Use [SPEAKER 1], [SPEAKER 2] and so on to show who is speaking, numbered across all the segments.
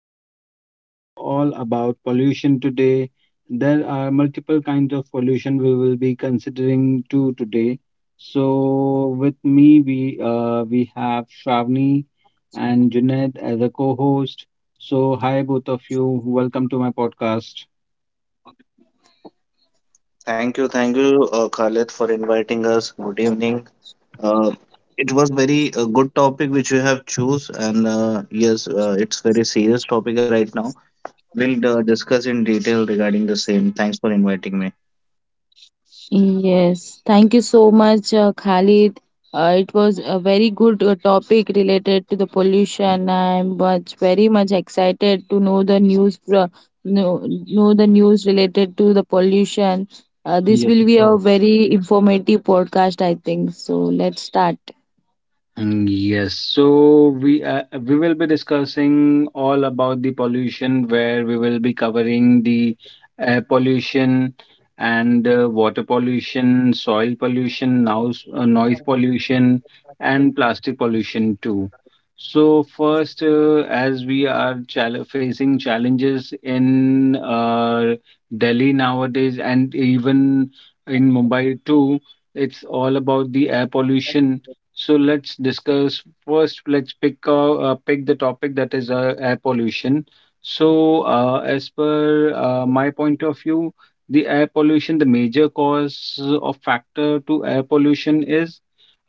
[SPEAKER 1] be discussing all about pollution today. There are multiple kinds of pollution we will be considering too today. So with me, we have Shravani and Junaid as a co-host. So hi both of you, welcome to my podcast.
[SPEAKER 2] Thank you, Khalid, for inviting us. Good evening. Uh, it was very good topic which you have choose, and yes, it's very serious topic right now. We'll discuss in detail regarding the same. Thanks for inviting me.
[SPEAKER 3] Yes, thank you so much, Khalid. It was a very good topic related to the pollution. I'm very much excited to know the news, know the news related to the pollution. This
[SPEAKER 1] Yes,
[SPEAKER 3] will
[SPEAKER 1] of
[SPEAKER 3] be a
[SPEAKER 1] course.
[SPEAKER 3] very informative podcast, I think. So let's start.
[SPEAKER 1] Yes, so we will be discussing all about the pollution, where we will be covering the air pollution and water pollution, soil pollution, noise pollution, and plastic pollution too. So first, as we are facing challenges in Delhi nowadays, and even in Mumbai too, it's all about the air pollution, so let's discuss first. Let's pick pick the topic that is air pollution. So as per my point of view, the air pollution, the major cause or factor to air pollution is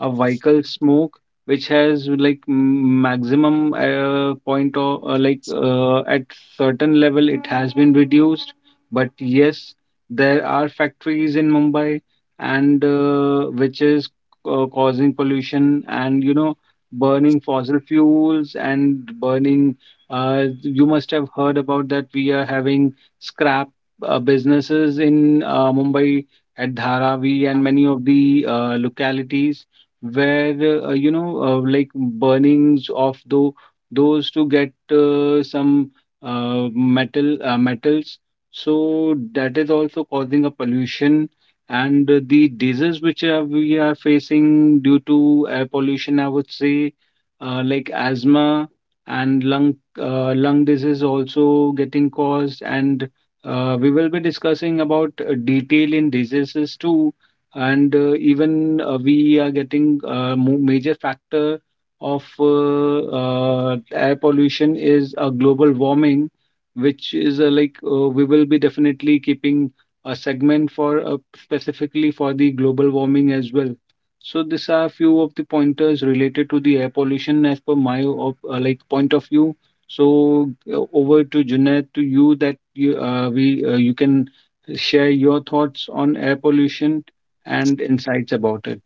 [SPEAKER 1] a vehicle smoke, which has like maximum point or at certain level it has been reduced. But yes, there are factories in Mumbai and which is causing pollution, and you know, burning fossil fuels and burning, you must have heard about that we are having scrap businesses in Mumbai at Dharavi and many of the localities where like burnings of those to get some metals, so that is also causing a pollution. And the disease which we are facing due to air pollution, I would say, like asthma and lung disease also getting caused. And we will be discussing about detail in diseases too and even we are getting a major factor of air pollution is a global warming, which is we will be definitely keeping a segment for specifically for the global warming as well. So these are a few of the pointers related to the air pollution as per my op, like point of view. So over to Junaid, to you, that you can share your thoughts on air pollution and insights about it.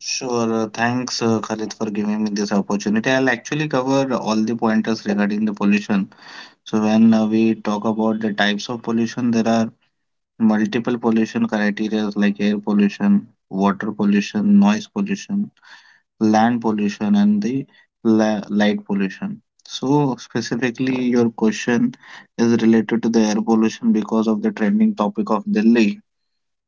[SPEAKER 2] Sure. Thanks, Khalid, for giving me this opportunity. I'll actually cover all the pointers regarding the pollution. So when we talk about the types of pollution, there are multiple pollution criteria like air pollution, water pollution, noise pollution, land pollution, and the light pollution. So, specifically, your question is related to the air pollution because of the trending topic of Delhi.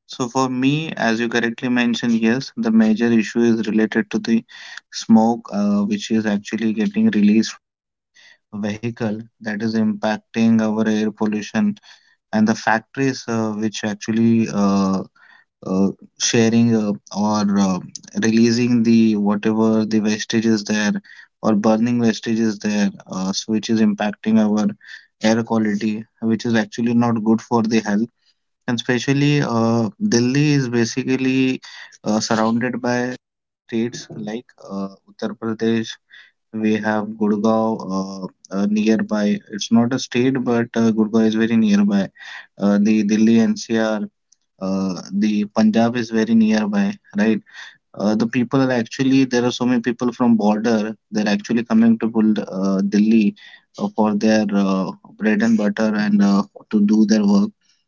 [SPEAKER 2] So, for me, as you correctly mentioned, yes, the major issue is related to the smoke, which is actually getting released from vehicle that is impacting our air pollution, and the factories which actually uh, sharing or releasing the whatever the wastage is there or burning wastage is there, so which is impacting our air quality, which is actually not good for the health. And especially Delhi is basically surrounded by states like Uttar Pradesh. We have Gurgaon nearby. It's not a state, but Gurgaon is very nearby. The Delhi NCR, the Punjab is very nearby, right? The people are actually, there are so many people from border. They're actually coming to Delhi for their bread and butter, and to do their work.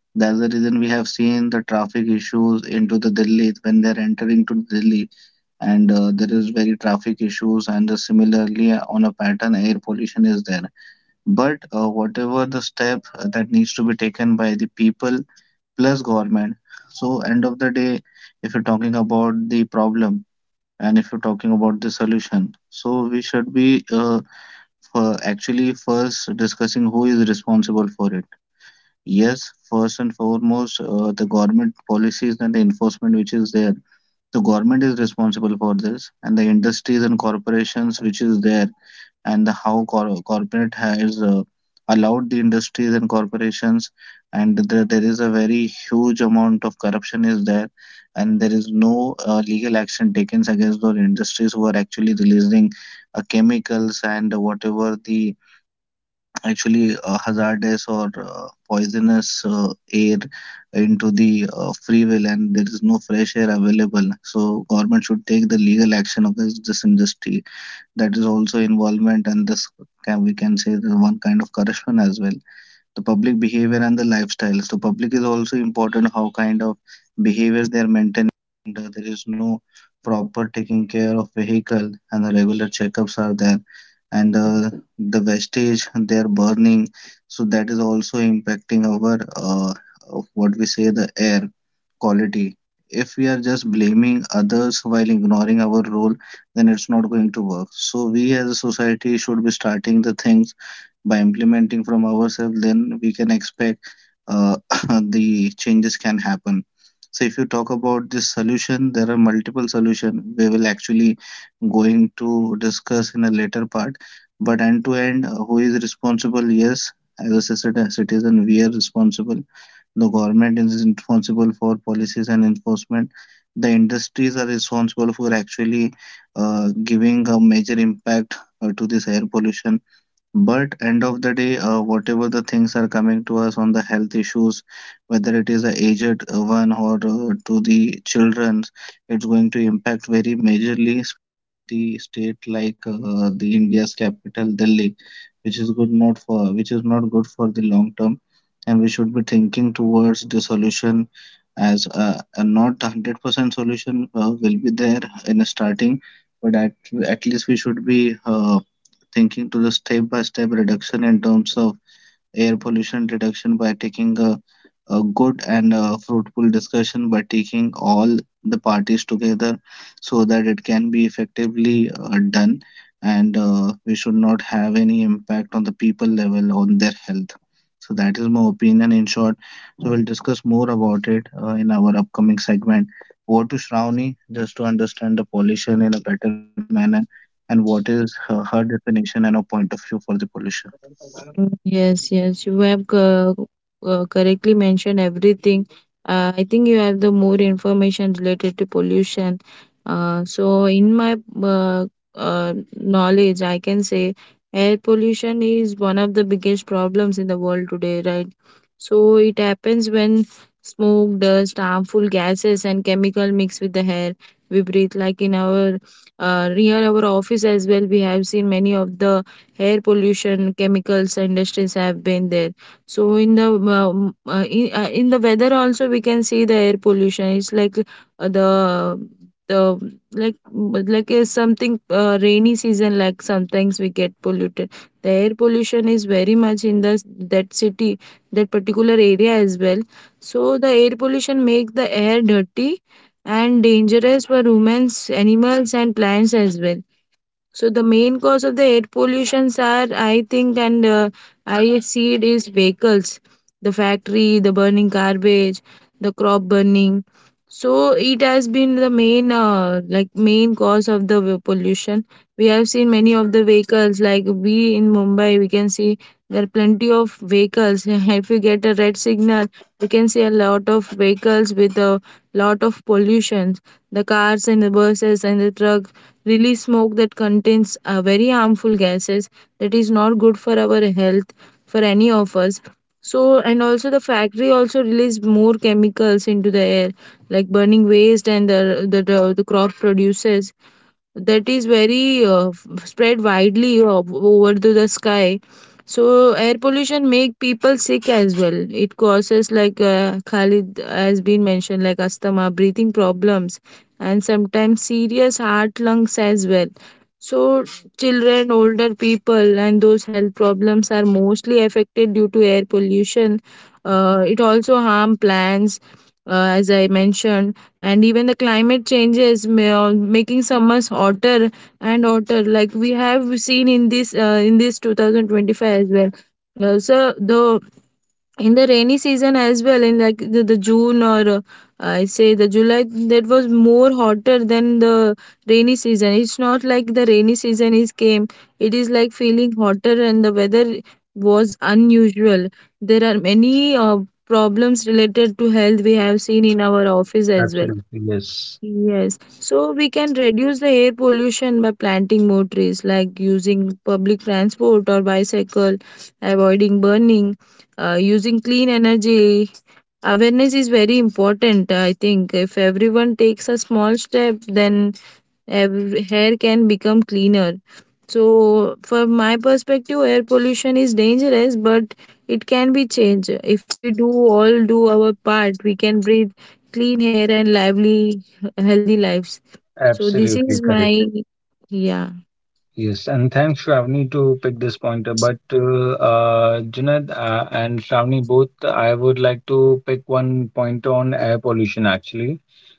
[SPEAKER 2] That's the reason we have seen the traffic issues into the Delhi when they're entering to Delhi, and there is very traffic issues. And similarly, on a pattern, air pollution is there. But whatever the step that needs to be taken by the people plus government. So end of the day, if you're talking about the problem. And if you're talking about the solution, so we should be for actually first discussing who is responsible for it. Yes, first and foremost, the government policies and the enforcement which is there, the government is responsible for this, and the industries and corporations which is there, and the how corporate has allowed the industries and corporations, and there is a very huge amount of corruption is there, and there is no legal action taken against those industries who are actually releasing chemicals and whatever the actually hazardous or poisonous air into the free will, and there is no fresh air available, so government should take the legal action against this industry. That is also involvement, and this can, we can say, the one kind of corruption as well. The public behavior and the lifestyles. So public is also important, how kind of behaviors they are maintaining. And, there is no proper taking care of vehicle and the regular checkups are there, and the wastage they are burning, so that is also impacting our of what we say the air quality. If we are just blaming others while ignoring our role, then it's not going to work, so we as a society should be starting the things by implementing from ourselves, then we can expect uh, the changes can happen. So if you talk about this solution, there are multiple solution we will actually going to discuss in a later part, but end to end, who is responsible? Yes, as a citizen, we are responsible. The government is responsible for policies and enforcement, the industries are responsible for actually giving a major impact to this air pollution. But end of the day, whatever the things are coming to us on the health issues, whether it is a aged one or to the children, it's going to impact very majorly, the state like the India's capital Delhi, which is good not for, which is not good for the long term, and we should be thinking towards the solution. As a not 100% solution will be there in starting, but at least we should be thinking to the step by step reduction in terms of air pollution reduction by taking a good and a fruitful discussion by taking all the parties together, so that it can be effectively done, and we should not have any impact on the people level on their health. So that is my opinion in short. So we'll discuss more about it in our upcoming segment. Over to Shravani, just to understand the pollution in a better manner and what is her definition and her point of view for the pollution.
[SPEAKER 3] Mm, yes, yes, you have correctly mentioned everything. I think you have the more information related to pollution. So, in my uh, knowledge, I can say air pollution is one of the biggest problems in the world today, right? So, it happens when smoke, dust, harmful gases, and chemical mix with the air we breathe. Like in our near our office as well, we have seen many of the air pollution, chemicals, industries have been there. So in the weather also we can see the air pollution. It's like the the like but like something rainy season. Like sometimes we get polluted. The air pollution is very much in the that city, that particular area as well. So the air pollution make the air dirty and dangerous for humans, animals, and plants as well. So the main cause of the air pollutions are, I think, and I see it is vehicles, the factory, the burning garbage, the crop burning. So it has been the main cause of the pollution. We have seen many of the vehicles, like we in Mumbai, we can see there are plenty of vehicles. If you get a red signal, we can see a lot of vehicles with a lot of pollutions. The cars and the buses and the truck release smoke that contains very harmful gases that is not good for our health, for any of us. So and also the factory also release more chemicals into the air, like burning waste and the crop produces that is very spread widely over to the sky. So air pollution make people sick as well. It causes, like Khalid has been mentioned, like asthma, breathing problems, and sometimes serious heart, lungs as well. So children, older people, and those health problems are mostly affected due to air pollution. Uh, it also harm plants, as I mentioned. And even the climate changes, making summers hotter and hotter, like we have seen in this 2025 as well. Uh, so the in the rainy season as well, in like the June, or I say the July, that was more hotter than the rainy season. It's not like the rainy season is came. It is like feeling hotter, and the weather was unusual. There are many problems related to health we have seen in our office as well.
[SPEAKER 1] Absolutely, yes.
[SPEAKER 3] Yes, so we can reduce the air pollution by planting more trees, like using public transport or bicycle, avoiding burning, using clean energy. Awareness is very important, I think. If everyone takes a small step, then every hair can become cleaner. So, from my perspective, air pollution is dangerous, but it can be changed. If we do all do our part, we can breathe clean air and lively, healthy lives. So, this
[SPEAKER 1] Absolutely
[SPEAKER 3] is
[SPEAKER 1] correct.
[SPEAKER 3] my, yeah.
[SPEAKER 1] Yes, and thanks, Shravani, to pick this point up. But Junaid and Shravani, both, I would like to pick one point on air pollution actually,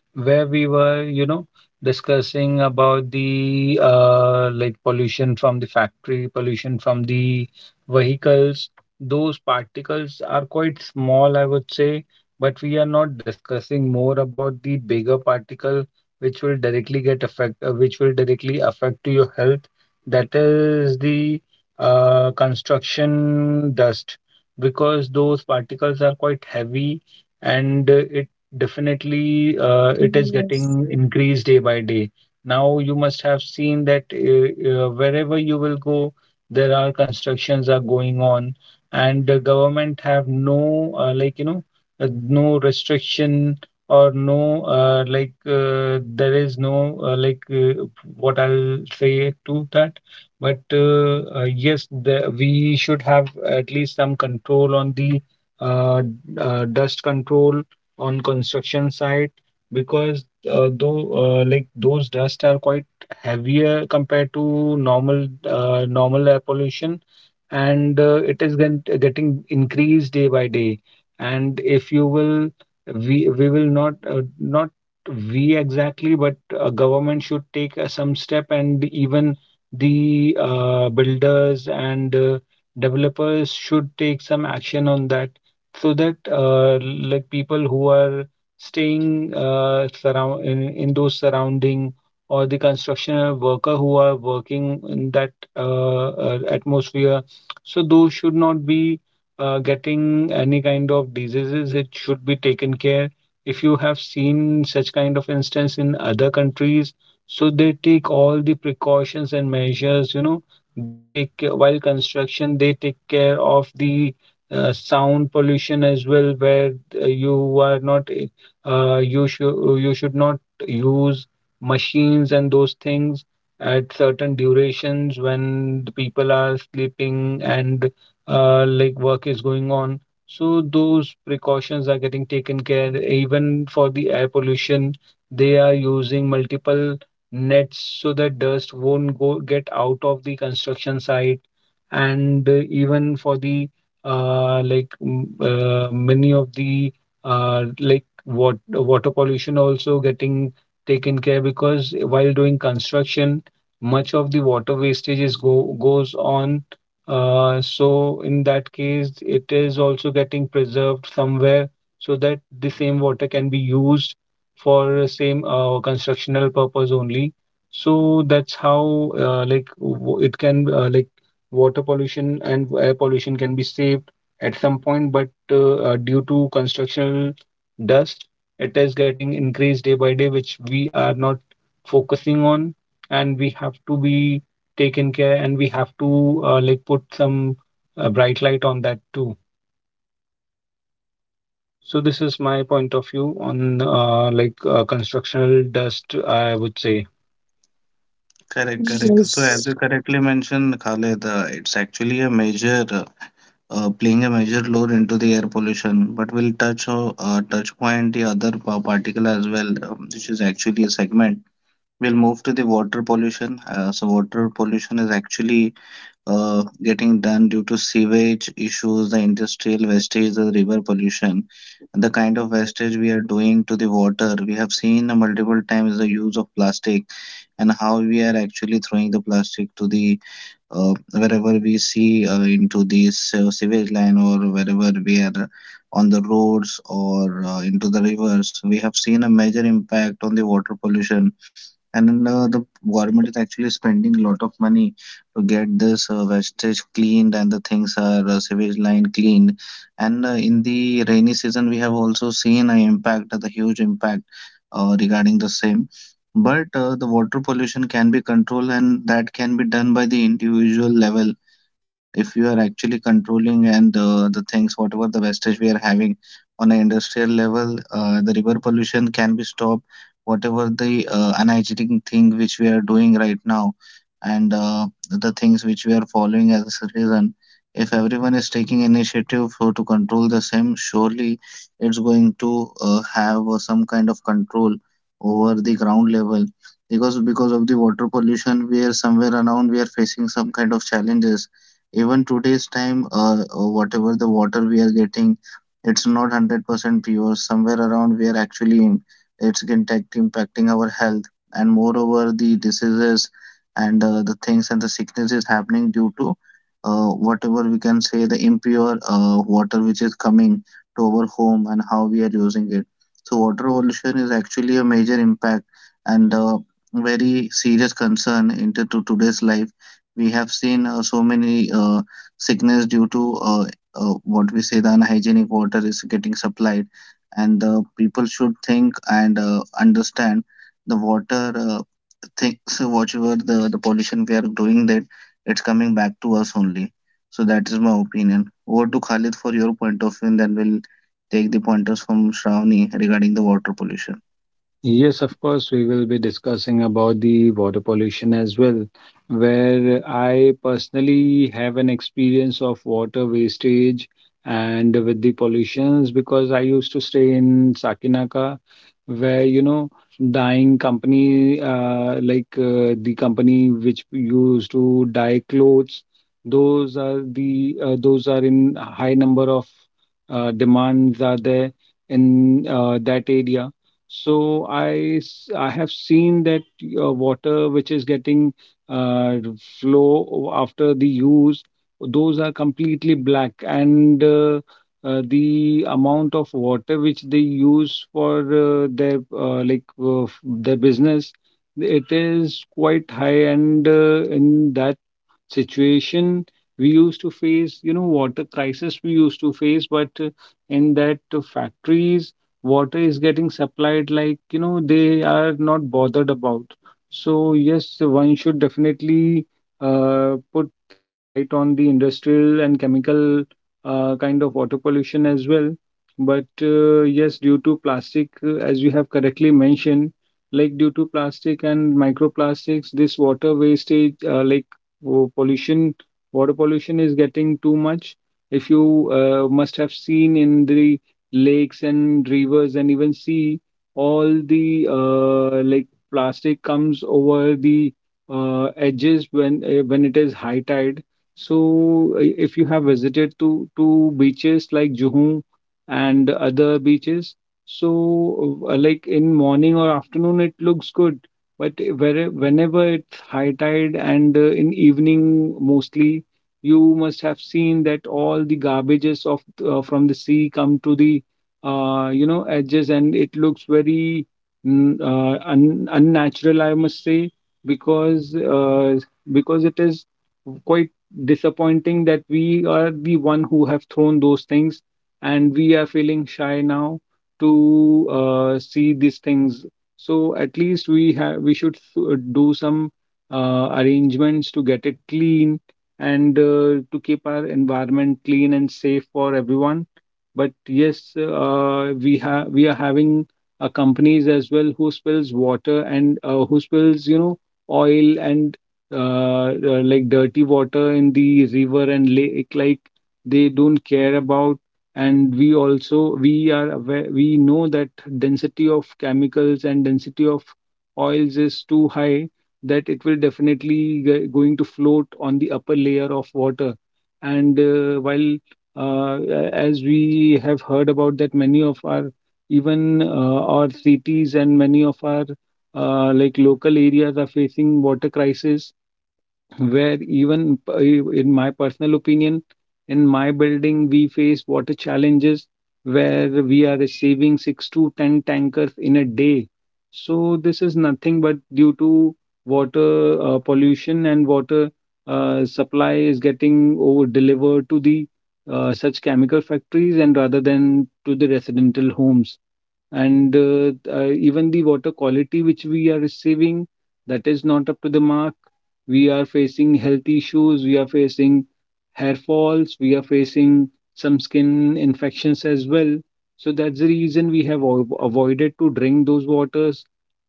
[SPEAKER 1] where we were, you know, discussing about the like pollution from the factory, pollution from the vehicles. Those particles are quite small, I would say, but we are not discussing more about the bigger particle which will directly get which will directly affect to your health. That is the construction dust, because those particles are quite heavy, and it, definitely, it is
[SPEAKER 3] Yes.
[SPEAKER 1] getting increased day by day. Now you must have seen that wherever you will go, there are constructions are going on, and the government have no no restriction or there is no like what I'll say to that. But yes, we should have at least some control on the uh, dust control on construction site, because though like those dust are quite heavier compared to normal air pollution, and it is getting increased day by day. And if you will, we will not, we exactly, but government should take some step, and even the builders and developers should take some action on that, so that like people who are staying in those surrounding, or the construction worker who are working in that atmosphere, so those should not be getting any kind of diseases. It should be taken care. If you have seen such kind of instance in other countries, so they take all the precautions and measures, you know, they take while construction, they take care of the sound pollution as well, where uh, you are not, you should not use machines and those things at certain durations when the people are sleeping and like work is going on. So those precautions are getting taken care. Even for the air pollution, they are using multiple nets so that dust won't go get out of the construction site, and even for the many of the water pollution also getting taken care, because while doing construction, much of the water wastage is go goes on. So in that case, it is also getting preserved somewhere so that the same water can be used for same constructional purpose only. So that's how it can water pollution and air pollution can be saved at some point, but due to constructional dust, it is getting increased day by day, which we are not focusing on, and we have to be taken care, and we have to like put some bright light on that too. So this is my point of view on constructional dust, I would say.
[SPEAKER 2] Correct, correct. So as you correctly
[SPEAKER 3] Yes.
[SPEAKER 2] mentioned, Khaled, it's actually a major playing a major role into the air pollution. But we'll touch on touch point the other particle as well, which is actually a segment. We'll move to the water pollution. So water pollution is actually getting done due to sewage issues, the industrial wastage, the river pollution, and the kind of wastage we are doing to the water. We have seen multiple times the use of plastic and how we are actually throwing the plastic to the wherever we see into this sewage line or wherever we are on the roads or into the rivers. We have seen a major impact on the water pollution, and the government is actually spending a lot of money to get this wastage cleaned and the things are sewage line cleaned. And in the rainy season, we have also seen an impact, the huge impact regarding the same. But the water pollution can be controlled, and that can be done by the individual level. If you are actually controlling, and the things whatever the wastage we are having on an industrial level, the river pollution can be stopped, whatever the energetic thing which we are doing right now, and the things which we are following as a citizen. If everyone is taking initiative for to control the same, surely it's going to have some kind of control over the ground level, because of the water pollution we are somewhere around, we are facing some kind of challenges, even today's time. Whatever the water we are getting, it's not 100% pure, somewhere around we are actually, impacting our health, and moreover the diseases and the things and the sickness is happening due to whatever we can say, the impure water which is coming to our home and how we are using it. So water pollution is actually a major impact, and very serious concern into to today's life. We have seen so many sickness due to what we say, the unhygienic water is getting supplied. And the people should think and understand the water things, whatever the pollution we are doing, that it's coming back to us only. So that is my opinion. Over to Khalid for your point of view, and then we'll take the pointers from Shravani regarding the water pollution.
[SPEAKER 1] Yes, of course, we will be discussing about the water pollution as well, where I personally have an experience of water wastage and with the pollutions, because I used to stay in Sakinaka, where, you know, dyeing company, the company which used to dye clothes, those are the those are in high number of demands are there in that area. So I have seen that water which is getting uh, flow after the use, those are completely black, and the amount of water which they use for their business, it is quite high, and in that situation we used to face, you know, water crisis we used to face, but in that factories, water is getting supplied like, you know, they are not bothered about. So, yes, one should definitely put some light on the industrial and chemical kind of water pollution as well. But yes, due to plastic, as you have correctly mentioned, like due to plastic and microplastics, this water wastage, like wo pollution, water pollution is getting too much. If you must have seen in the lakes and rivers and even sea, all the like plastic comes over the edges when it is high tide. So if you have visited to beaches like Juhu and other beaches, so like in morning or afternoon it looks good, but where whenever high tide, and in evening mostly you must have seen that all the garbages of from the sea come to the you know edges, and it looks very unnatural, I must say, because uh, because it is quite disappointing that we are the one who have thrown those things, and we are feeling shy now to see these things. So at least we should do some arrangements to get it clean and to keep our environment clean and safe for everyone. But yes, we are having companies as well, who spills water, and who spills, you know, oil and like dirty water in the river and lake. Like they don't care about. And we also we are aware, we know that density of chemicals and density of oils is too high that it will definitely going to float on the upper layer of water, and as we have heard about that many of our, even our cities and many of our like local areas are facing water crisis, where even in my personal opinion, in my building we face water challenges where we are receiving 6 to 10 tankers in a day. So this is nothing but due to water pollution, and water supply is getting over delivered to the such chemical factories and rather than to the residential homes, and even the water quality which we are receiving, that is not up to the mark. We are facing health issues, we are facing hair falls, we are facing some skin infections as well. So that's the reason we have avoided to drink those waters,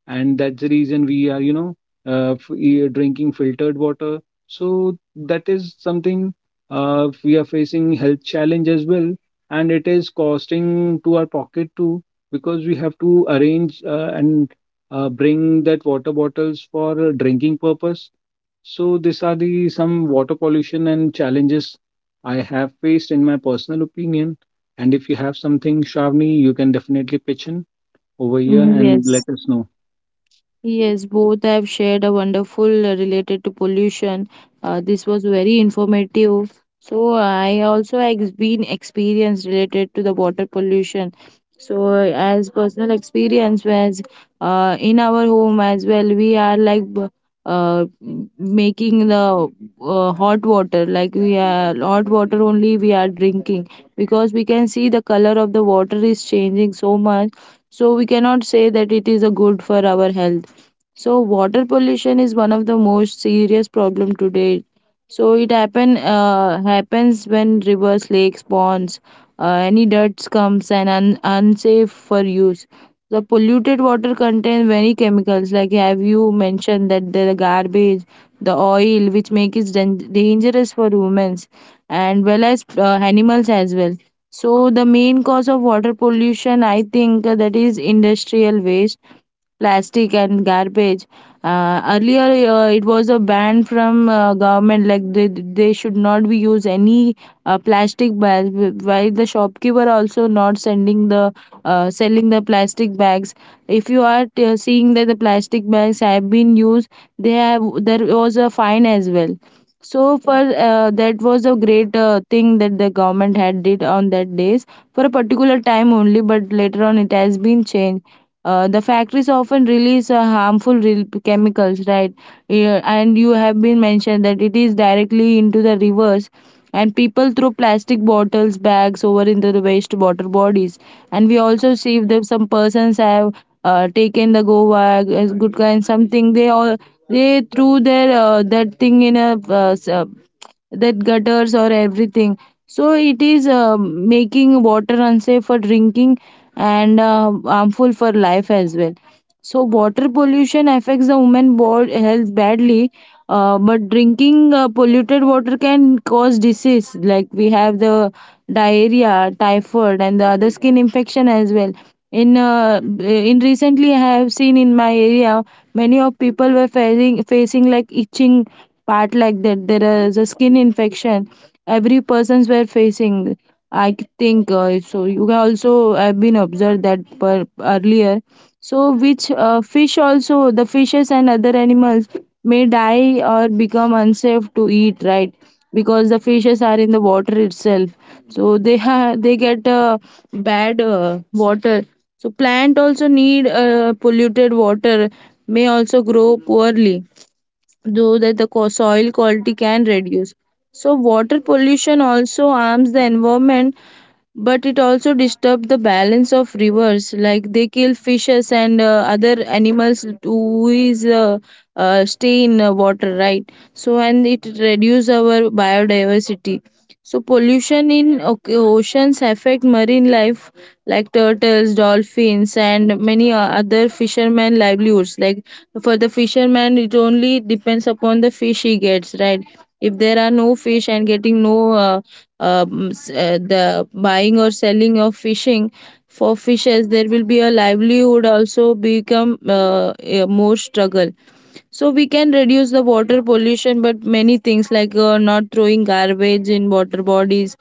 [SPEAKER 1] and that's the reason we are, you know, drinking filtered water. So that is something we are facing health challenge as well, and it is costing to our pocket too, because we have to arrange and bring that water bottles for drinking purpose. So these are the some water pollution and challenges I have faced in my personal opinion. And if you have something, Shavni, you can definitely pitch in over here and let
[SPEAKER 3] Yes.
[SPEAKER 1] us know.
[SPEAKER 3] Yes, both have shared a wonderful related to pollution. This was very informative. So I also has been experience related to the water pollution. So, as personal experience was, in our home as well, we are like uh, making the hot water, like we are hot water only we are drinking, because we can see the color of the water is changing so much. So we cannot say that it is a good for our health. So water pollution is one of the most serious problem today. So it happens when rivers, lakes, ponds, any dirt comes and unsafe for use. The polluted water contains many chemicals, like have you mentioned that the garbage, the oil, which make it dangerous for humans and well as animals as well. So the main cause of water pollution, I think, that is industrial waste, plastic, and garbage. Uh, earlier it was a ban from government, like they should not be use any plastic bags, while the shopkeeper also not sending the selling the plastic bags. If you are seeing that the plastic bags have been used, they have there was a fine as well. So, for that was a great thing that the government had did on that days, for a particular time only, but later on it has been changed. Uh, the factories often release harmful chemicals, right? Yeah, and you have been mentioned that it is directly into the rivers, and people throw plastic bottles, bags over into the waste water bodies. And we also see that some persons have taken the Goa as good kind something. They all they threw their that thing in a that gutters or everything. So it is making water unsafe for drinking and harmful for life as well. So water pollution affects the woman health badly, but drinking polluted water can cause disease, like we have the diarrhea, typhoid, and the other skin infection as well. In recently I have seen in my area many of people were facing like itching part, like that there is a skin infection every persons were facing. I think so you can also have been observed that earlier, so which fish also the fishes and other animals may die or become unsafe to eat, right? Because the fishes are in the water itself, so they get bad water. So plant also need polluted water, may also grow poorly, though that the soil quality can reduce. So water pollution also harms the environment, but it also disturbs the balance of rivers, like they kill fishes and other animals who is stay in water, right? So and it reduces our biodiversity. So pollution in oceans affect marine life, like turtles, dolphins, and many other fishermen livelihoods. Like for the fisherman, it only depends upon the fish he gets, right? If there are no fish and getting no the buying or selling of fishing for fishes, there will be a livelihood also become a more struggle. So we can reduce the water pollution, but many things like not throwing garbage in water bodies,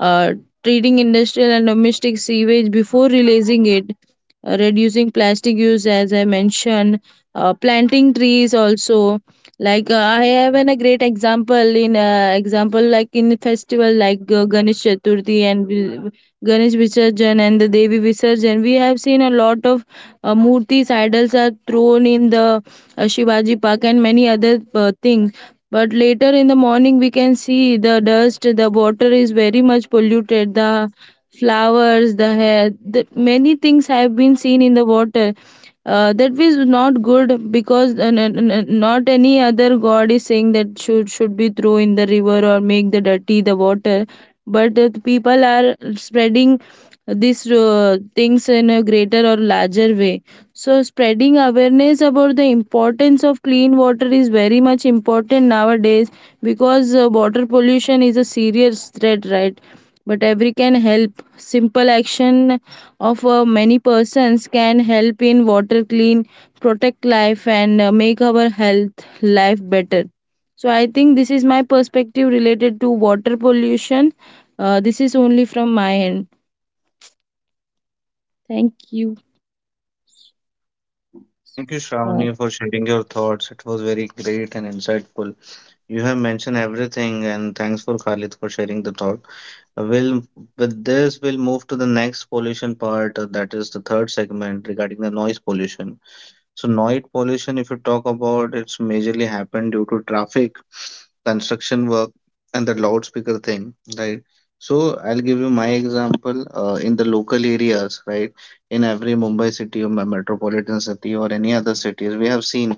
[SPEAKER 3] uh, treating industrial and domestic sewage before releasing it, reducing plastic use, as I mentioned, planting trees also. Like I have a great example in example, like in festival, like Ganesh Chaturthi and Ganesh Visarjan and the Devi Visarjan, we have seen a lot of murtis idols are thrown in the Shivaji Park, and many other things. But later in the morning, we can see the dust, the water is very much polluted, the flowers, the hair, many things have been seen in the water. That was not good, because not any other god is saying that should be thrown in the river or make the dirty the water, but people are spreading these things in a greater or larger way. So spreading awareness about the importance of clean water is very much important nowadays, because water pollution is a serious threat, right? But every can help, simple action of many persons can help in water clean, protect life, and make our health life better. So I think this is my perspective related to water pollution. This is only from my end. Thank you.
[SPEAKER 2] Thank you, Shravani, for sharing your thoughts. It was very great and insightful. You have mentioned everything, and thanks for Khalid for sharing the thought. We'll, with this, we'll move to the next pollution part, that is the third segment regarding the noise pollution. So noise pollution, if you talk about, it's majorly happened due to traffic, construction work, and the loudspeaker thing, right? So I'll give you my example in the local areas, right? In every Mumbai city or metropolitan city or any other cities, we have seen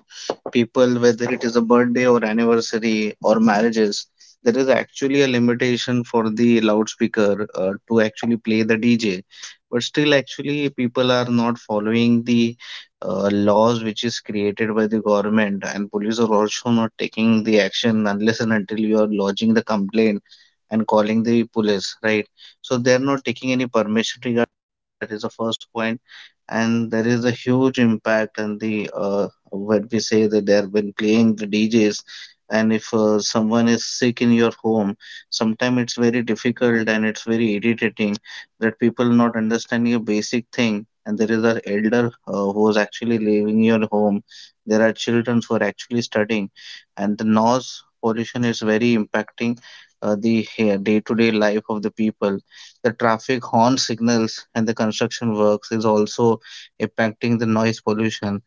[SPEAKER 2] people, whether it is a birthday or anniversary or marriages, there is actually a limitation for the loudspeaker to actually play the DJ. But still, actually, people are not following the laws which is created by the government, and police are also not taking the action unless and until you are lodging the complaint and calling the police, right? So they are not taking any permission regarding. That is the first point. And there is a huge impact, and the what we say that they have been playing the DJs. And if someone is sick in your home, sometimes it's very difficult and it's very irritating that people not understanding a basic thing, and there is an elder who is actually leaving your home. There are children who are actually studying, and the noise pollution is very impacting the day-to-day life of the people. The traffic horn signals and the construction works is also impacting the noise pollution,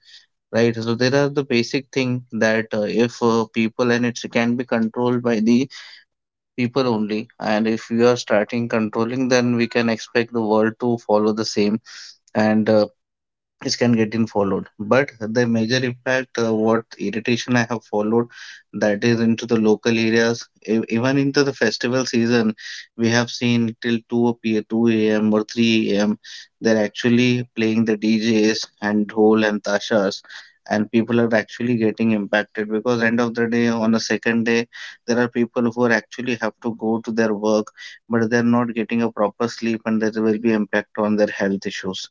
[SPEAKER 2] right? So there are the basic thing that if people, and it can be controlled by the people only. And if we are starting controlling, then we can expect the world to follow the same, and this can get in followed, but the major impact, what irritation I have followed, that is into the local areas. Even into the festival season, we have seen till 2 p 2 a.m or 3 a.m, they're actually playing the DJs and dhol and tashas. And people are actually getting impacted, because end of the day, on the second day, there are people who are actually have to go to their work, but they're not getting a proper sleep, and there will be impact on their health issues.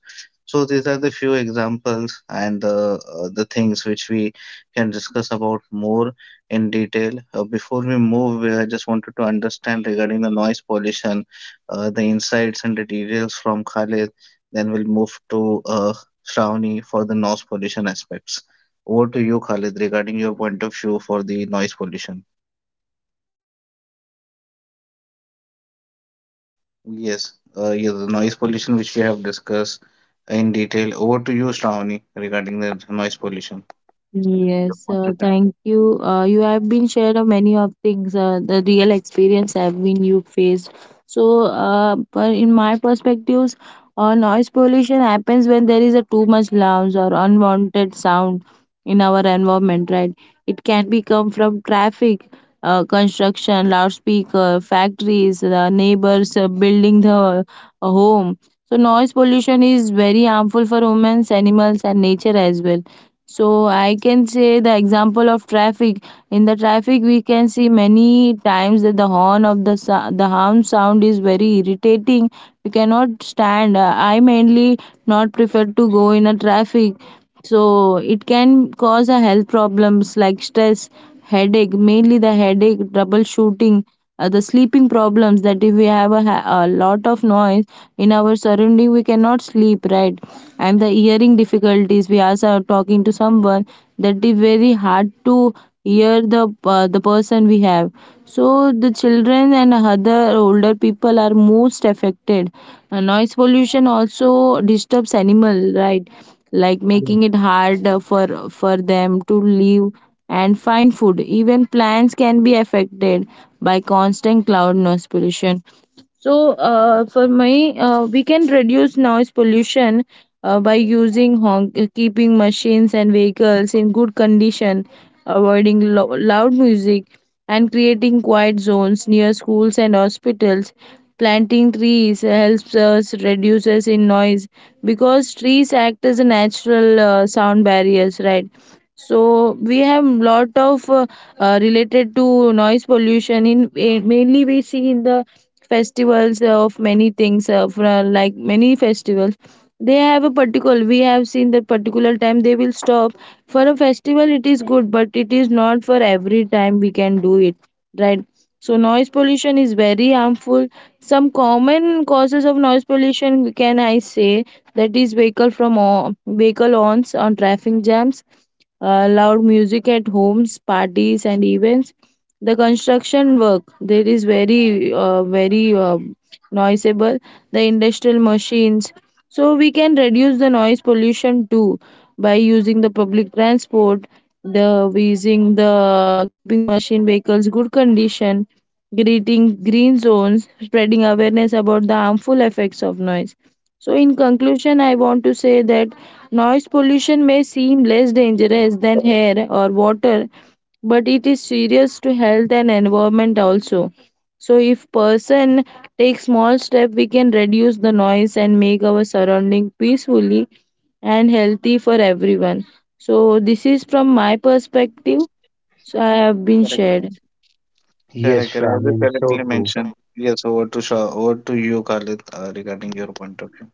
[SPEAKER 2] So these are the few examples, and the things which we can discuss about more in detail. Before we move, I just wanted to understand regarding the noise pollution, the insights and the details from Khalid. Then we'll move to Shravani for the noise pollution aspects. Over to you, Khalid, regarding your point of view for the noise pollution. Yes, yeah, the noise pollution which we have discussed in detail. Over to you, Shravani, regarding the noise pollution. Your
[SPEAKER 3] Yes,
[SPEAKER 2] point of view.
[SPEAKER 3] thank you. You have been shared of many of things, the real experience have been you faced. So, but in my perspectives, noise pollution happens when there is a too much loud or unwanted sound in our environment, right? It can be come from traffic, construction, loudspeaker, factories, the neighbors building the home. So, noise pollution is very harmful for humans, animals, and nature as well. So I can say the example of traffic. In the traffic, we can see many times that the horn of the horn sound is very irritating. We cannot stand. I mainly not prefer to go in a traffic. So it can cause a health problems like stress, headache, mainly the headache, troubleshooting, the sleeping problems. That if we have a lot of noise in our surrounding, we cannot sleep right, and the hearing difficulties, we also are talking to someone that is very hard to hear the person we have. So the children and other older people are most affected. Noise pollution also disturbs animal right, like making
[SPEAKER 1] Yes,
[SPEAKER 3] it hard for them to live and find food. Even plants can be affected by constant cloud noise pollution. So for me, we can reduce noise pollution by using honk, keeping machines and vehicles in good condition, avoiding loud music, and creating quiet zones near schools and hospitals. Planting trees helps us reduces in noise because trees act as a natural sound barriers, right? So we have lot of related to noise pollution. In mainly we see in the festivals of many things like many festivals they have a particular, we have seen the particular time they will stop for a festival. It is good, but it is not for every time we can do it, right? So noise pollution is very harmful. Some common causes of noise pollution, can I say, that is vehicle from vehicle horns on traffic jams, loud music at homes, parties, and events, the construction work, there is very noisable, the industrial machines. So we can reduce the noise pollution too by using the public transport, the using the keeping machine vehicles good condition, creating green zones, spreading awareness about the harmful effects of noise. So in conclusion, I want to say that noise pollution may seem less dangerous than air or water, but it is serious to health and environment also. So if person takes small step, we can reduce the noise and make our surrounding peacefully and healthy for everyone. So this is from my perspective. So I have been
[SPEAKER 2] Correct.
[SPEAKER 3] shared.
[SPEAKER 1] yes,
[SPEAKER 2] Correct. Correct. As you
[SPEAKER 1] Shravani, so
[SPEAKER 2] correctly
[SPEAKER 1] true.
[SPEAKER 2] mentioned. Yes, over to you, Khalid, regarding your point of view.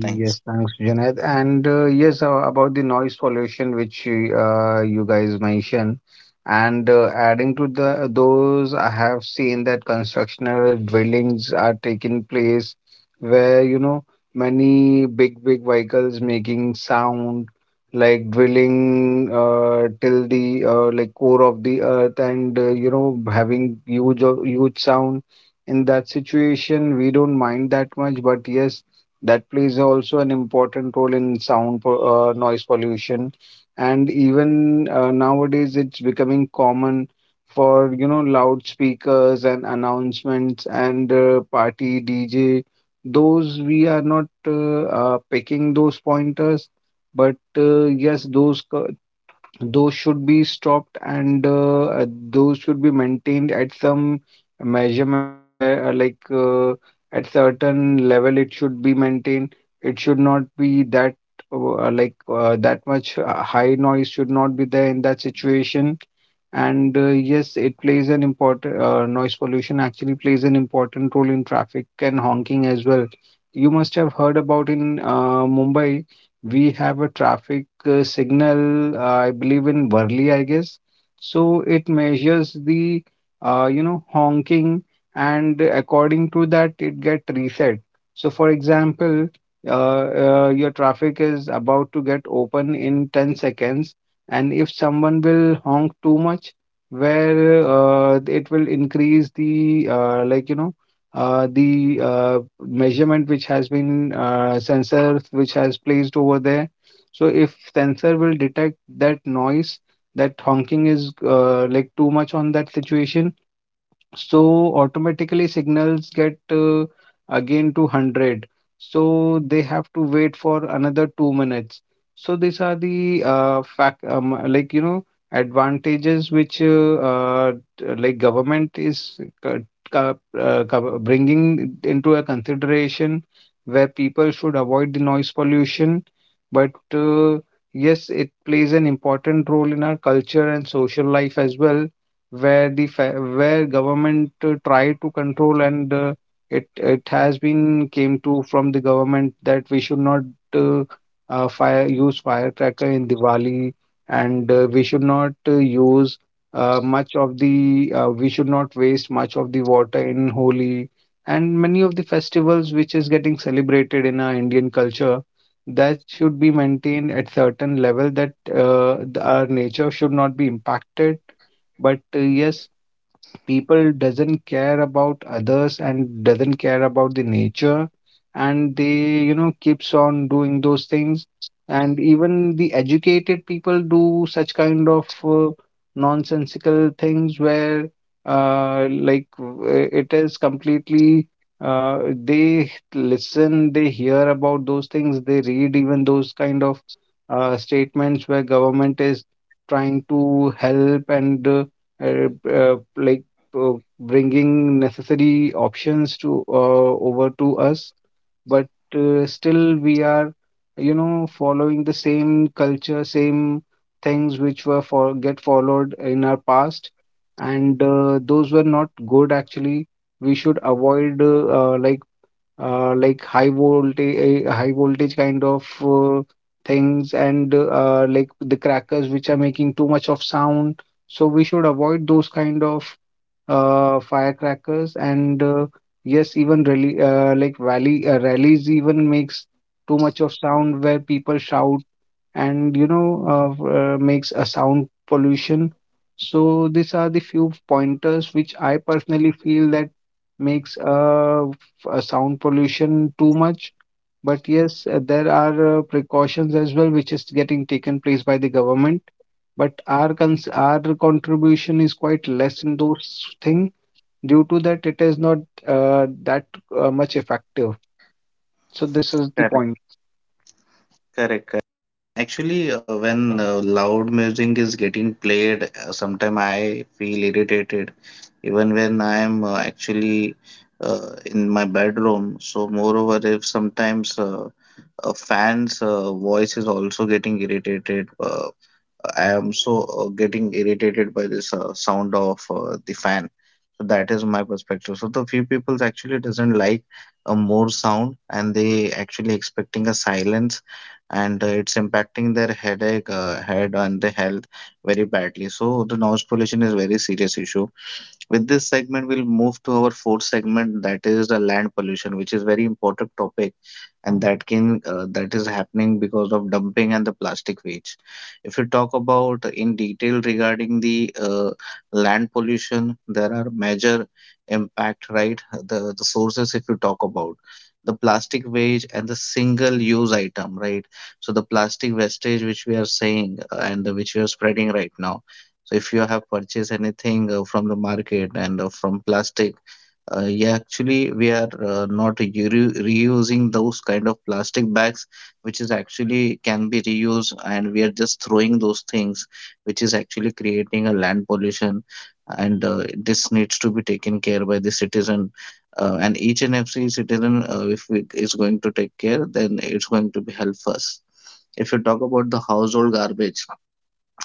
[SPEAKER 2] Thanks.
[SPEAKER 1] thanks, Junaid. And yes, about the noise pollution, which you guys mentioned, and adding to the those, I have seen that constructional dwellings are taking place where you know many big big vehicles making sound like drilling till the like core of the earth, and you know having huge huge sound. In that situation, we don't mind that much, but yes that plays also an important role in noise pollution, and even nowadays it's becoming common for you know loudspeakers and announcements and party DJ. Those we are not uh, uh, picking those pointers, but yes those should be stopped, and those should be maintained at some measurement where at certain level it should be maintained. It should not be that that much high noise should not be there in that situation. And yes it plays an important noise pollution actually plays an important role in traffic and honking as well. You must have heard about in Mumbai. We have a traffic signal, I believe in Worli, I guess. So it measures the, you know, honking, and according to that, it get reset. So, for example, uh, your traffic is about to get open in 10 seconds, and if someone will honk too much, where it will increase the, like, you know, the measurement which has been sensor which has placed over there. So if sensor will detect that noise, that honking is like too much on that situation, so automatically signals get again to 100. So they have to wait for another 2 minutes. So these are the fact like you know advantages which uh, government is bringing into a consideration where people should avoid the noise pollution. But yes, it plays an important role in our culture and social life as well where where government try to control, and it has been came to from the government that we should not uh, fire use firecracker in Diwali, and we should not use much of the we should not waste much of the water in Holi, and many of the festivals which is getting celebrated in our Indian culture that should be maintained at certain level that our nature should not be impacted. But yes, people doesn't care about others and doesn't care about the nature, and they you know keeps on doing those things, and even the educated people do such kind of nonsensical things where uh, like w- it is completely uh, they listen, they hear about those things, they read even those kind of statements where government is trying to help, and uh, uh, like uh, bringing necessary options to over to us, but still we are you know following the same culture, same things which were for get followed in our past, and those were not good actually. We should avoid uh, like high voltage, high voltage kind of things, and like the crackers which are making too much of sound. So we should avoid those kind of firecrackers. And yes, even rallies even makes too much of sound where people shout and you know makes a sound pollution. So these are the few pointers which I personally feel that makes a sound pollution too much. But yes, there are precautions as well, which is getting taken place by the government. But our contribution is quite less in those things. Due to that, it is not that much effective. So this is the point.
[SPEAKER 2] Correct. Correct. Correct. Actually, when loud music is getting played, sometimes I feel irritated even when I am actually in my bedroom. So, moreover, if sometimes a fan's voice is also getting irritated, I am so getting irritated by this sound of the fan. So that is my perspective. So the few people actually doesn't like more sound, and they actually expecting a silence, and it's impacting their headache, head, and the health very badly. So the noise pollution is very serious issue. With this segment, we'll move to our fourth segment, that is the land pollution, which is very important topic, and that is happening because of dumping and the plastic waste. If you talk about in detail regarding the land pollution, there are major impact, right? The sources, if you talk about the plastic waste and the single use item, right? So the plastic wastage, which we are saying and which we are spreading right now, so if you have purchased anything from the market and from plastic, yeah, actually we are not reusing those kind of plastic bags, which is actually can be reused, and we are just throwing those things, which is actually creating a land pollution, and this needs to be taken care by the citizen. And each and every citizen, if it is going to take care, then it's going to be help us. If you talk about the household garbage,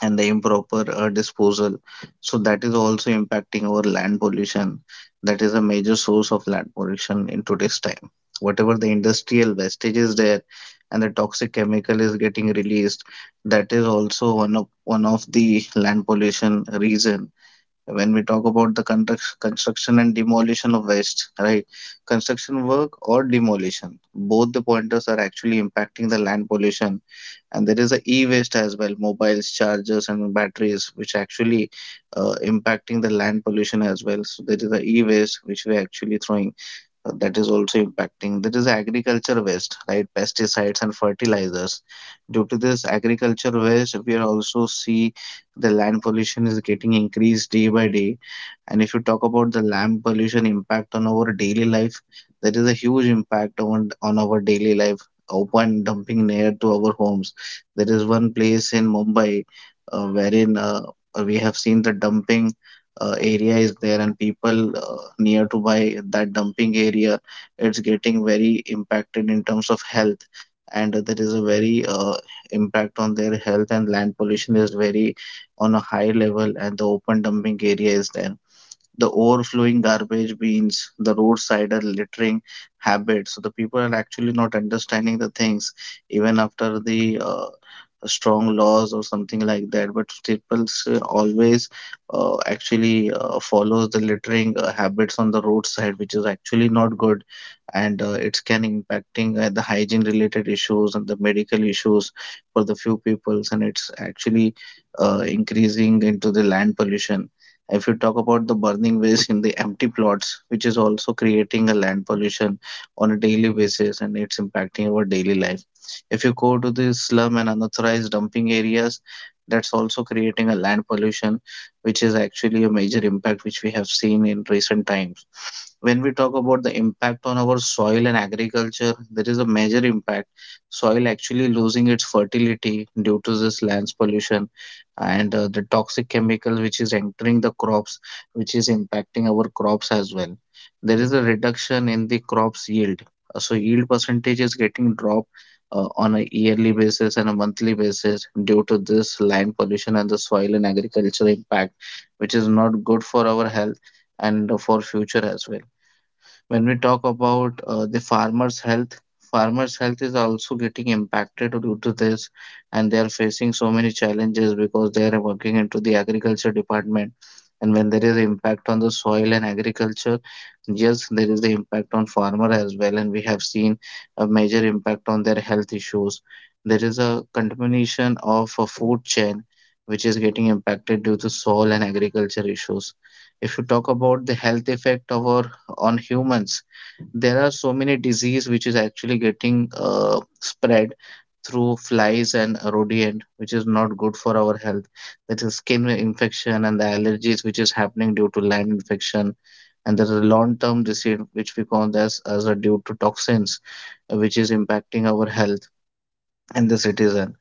[SPEAKER 2] and the improper disposal. So that is also impacting our land pollution. That is a major source of land pollution in today's time. Whatever the industrial wastage is there and the toxic chemical is getting released, that is also one of the land pollution reason. When we talk about the construction and demolition of waste, right? Construction work or demolition, both the pointers are actually impacting the land pollution. And there is a e-waste as well, mobiles, chargers, and batteries, which actually impacting the land pollution as well. So there is a e-waste which we're actually throwing, that is also impacting. That is agriculture waste, right? Pesticides and fertilizers, due to this agriculture waste, we are also see the land pollution is getting increased day by day. And if you talk about the land pollution impact on our daily life, that is a huge impact on our daily life. Open dumping near to our homes. There is one place in Mumbai, wherein we have seen the dumping area is there, and people near to by that dumping area, it's getting very impacted in terms of health. And there is a very impact on their health, and land pollution is very on a high level, and the open dumping area is there. The overflowing garbage bins, the roadside and littering habits. So the people are actually not understanding the things even after the strong laws or something like that. But people always actually follows the littering habits on the roadside, which is actually not good, and it's can impacting the hygiene related issues and the medical issues for the few peoples, and it's actually increasing into the land pollution. If you talk about the burning waste in the empty plots, which is also creating a land pollution on a daily basis, and it's impacting our daily life. If you go to the slum and unauthorized dumping areas, that's also creating a land pollution, which is actually a major impact which we have seen in recent times. When we talk about the impact on our soil and agriculture, there is a major impact. Soil actually losing its fertility due to this lands pollution, and the toxic chemical which is entering the crops, which is impacting our crops as well. There is a reduction in the crops yield. So yield percentage is getting dropped on a yearly basis and a monthly basis due to this land pollution and the soil and agriculture impact, which is not good for our health and for future as well. When we talk about the farmers' health is also getting impacted due to this, and they are facing so many challenges because they are working into the agriculture department. And when there is impact on the soil and agriculture, yes, there is the impact on farmer as well, and we have seen a major impact on their health issues. There is a contamination of a food chain which is getting impacted due to soil and agriculture issues. If you talk about the health effect of our on humans, there are so many disease which is actually getting spread through flies and rodent, which is not good for our health. That is skin infection and the allergies which is happening due to land infection. And there is a long term disease which we call this as a due to toxins, which is impacting our health and the citizen,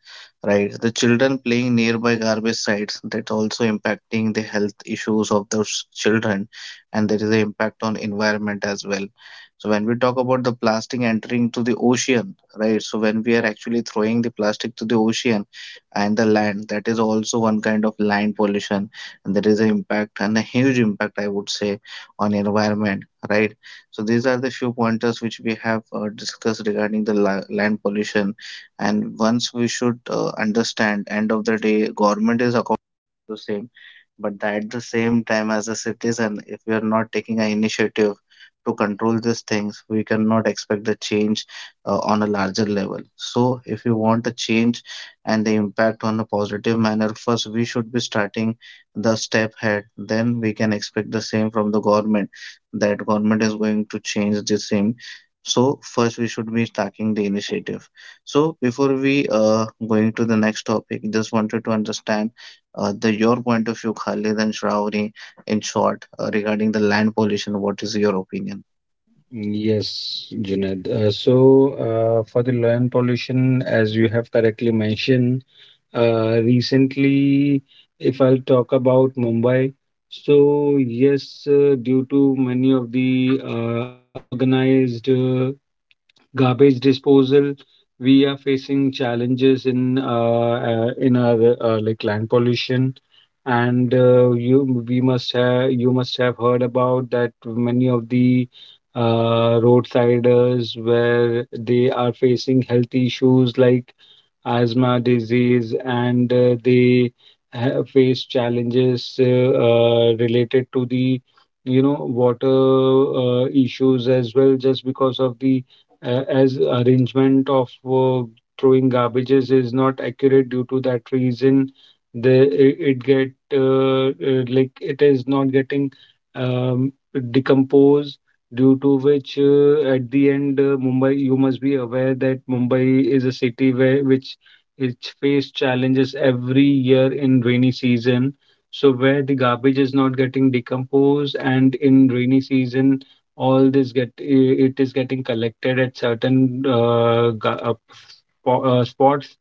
[SPEAKER 2] right? The children playing nearby garbage sites, that's also impacting the health issues of those children. And there is an impact on environment as well. So when we talk about the plastic entering to the ocean, right? So when we are actually throwing the plastic to the ocean and the land, that is also one kind of land pollution. And there is an impact, and a huge impact I would say, on environment, right? So these are the few pointers which we have discussed regarding the land pollution. And once we should understand, end of the day government is accountable for the same, but that at the same time, as a citizen, if we are not taking an initiative to control these things, we cannot expect the change on a larger level. So if you want a change and the impact on a positive manner, first we should be starting the step ahead, then we can expect the same from the government, that government is going to change the same. So first we should be starting the initiative. So before we going to the next topic, just wanted to understand the your point of view, Khalid and Shravani, in short, regarding the land pollution. What is your opinion?
[SPEAKER 1] Yes, Junaid. So, for the land pollution, as you have correctly mentioned, recently, if I'll talk about Mumbai, so yes, due to many of the unorganized garbage disposal, we are facing challenges in in our like land pollution, and you must have heard about that many of the roadsiders where they are facing health issues like asthma disease, and they face challenges related to the you know water issues as well, just because of the as arrangement of throwing garbages is not accurate due to that reason. The it, it get like It is not getting um, decomposed, due to which at the end mumbai you must be aware that Mumbai is a city where which it's faced challenges every year in rainy season. So where the garbage is not getting decomposed, and in rainy season, all this it is getting collected at certain spots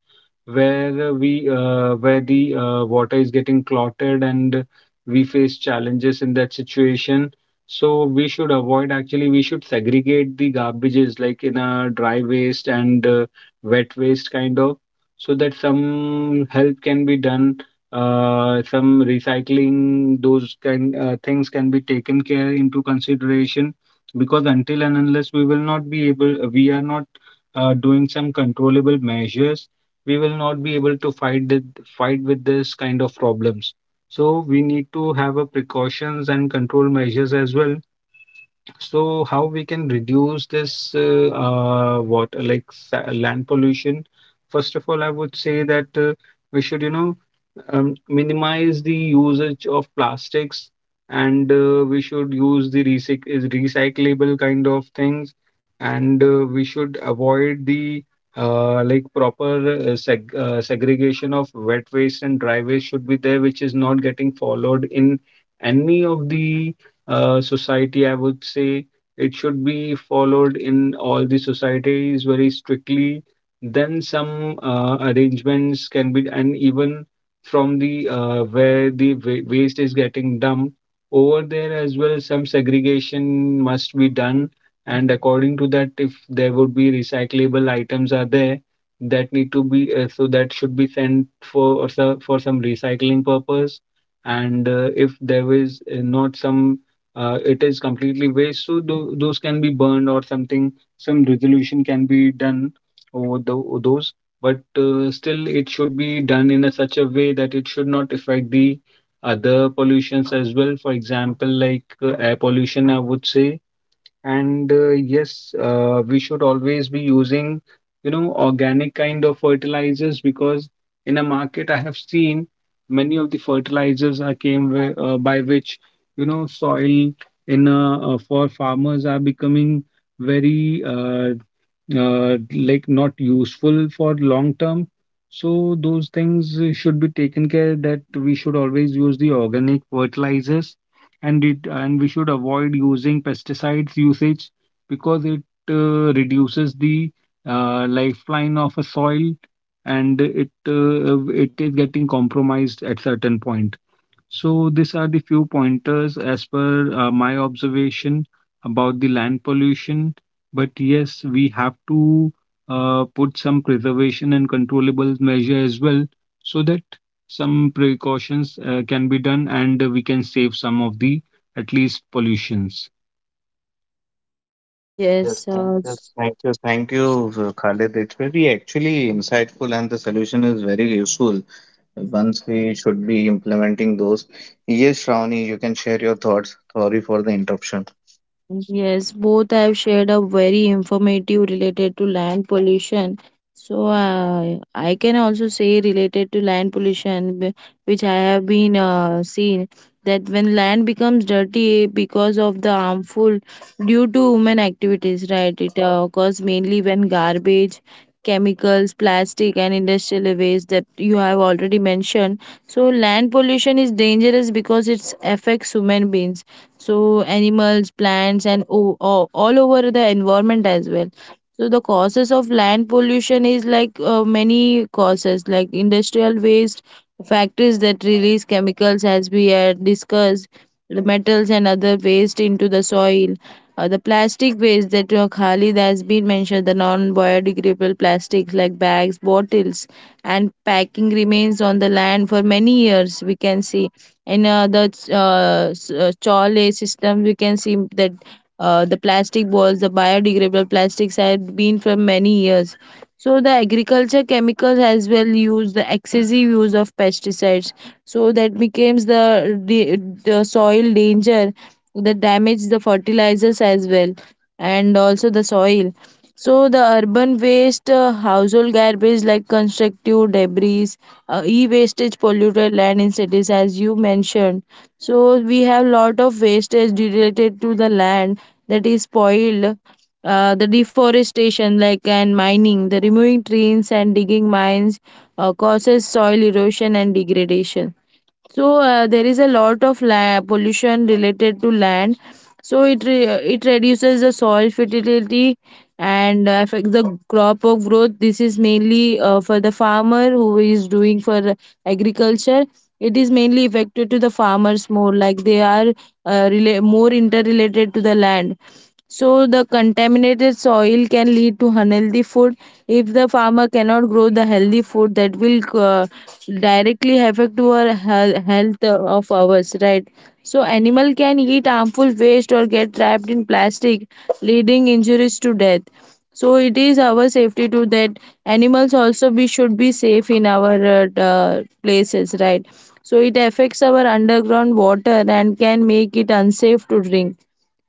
[SPEAKER 1] where we where the water is getting clotted, and we face challenges in that situation. So we should segregate the garbages like in a dry waste and wet waste kind of, so that some help can be done, some recycling those kind things can be taken care into consideration, because until and unless we will not be able we are not doing some controllable measures we will not be able to fight fight with this kind of problems. So we need to have a precautions and control measures as well. So how we can reduce this land pollution? First of all, I would say that we should, you know, minimize the usage of plastics, and we should use the recyc- is recyclable kind of things, and we should avoid the like proper segregation of wet waste and dry waste should be there, which is not getting followed in any of the society, I would say. It should be followed in all the societies very strictly. Then some arrangements can be, and even from the where the waste is getting dumped over there as well, some segregation must be done. And according to that, if there would be recyclable items are there that need to be that should be sent for for some recycling purpose, and if there is not some it is completely waste. So those can be burned or something. Some resolution can be done over those, but still it should be done in a such a way that it should not affect the other pollutions as well. For example, like air pollution, I would say, and yes, we should always be using, you know, organic kind of fertilizers, because in a market I have seen many of the fertilizers are came by which, you know, soil in for farmers are becoming very not useful for long term. So those things should be taken care that we should always use the organic fertilizers, and it and we should avoid using pesticides usage because it reduces the lifeline of a soil, and it is getting compromised at certain point. So these are the few pointers as per my observation about the land pollution. But yes, we have to put some preservation and controllable measure as well, so that some precautions can be done and we can save some of the at least pollutions.
[SPEAKER 3] Mm,
[SPEAKER 2] Yes,
[SPEAKER 3] yes.
[SPEAKER 2] thank you, thank you, thank you, Khalid. It's very actually insightful, and the solution is very useful. Once we should be implementing those. Yes, Shravani, you can share your thoughts. Sorry for the interruption.
[SPEAKER 3] Yes, both have shared a very informative related to land pollution. So I can also say related to land pollution, which I have been seen that when land becomes dirty because of the harmful due to human activities, right? It occurs mainly when garbage, chemicals, plastic, and industrial waste that you have already mentioned. So land pollution is dangerous because it affects human beings, so animals, plants, and all over the environment as well. So the causes of land pollution is like many causes like industrial waste, factories that release chemicals, as we had discussed, the metals and other waste into the soil, the plastic waste that Khalid has been mentioned, the non-biodegradable plastics like bags, bottles, and packing remains on the land for many years. We can see in Chole system, we can see that the plastic balls, the biodegradable plastics have been for many years. So the agriculture chemicals as well, use the excessive use of pesticides. So that becomes the soil danger, that damage the fertilizers as well, and also the soil. So the urban waste, household garbage like constructive debris, e-wastage polluted land in cities, as you mentioned. So we have lot of wastage related to the land that is spoiled. The deforestation like and mining, the removing trees and digging mines causes soil erosion and degradation. So there is a lot of pollution related to land. So it reduces the soil fertility and affects the crop of growth. This is mainly for the farmer who is doing for agriculture. It is mainly affected to the farmers more, like they are more interrelated to the land. So the contaminated soil can lead to unhealthy food. If the farmer cannot grow the healthy food, that will uh, directly affect our health of ours, right? So animal can eat harmful waste or get trapped in plastic, leading injuries to death. So it is our safety to that animals also, we should be safe in our places, right? So it affects our underground water and can make it unsafe to drink.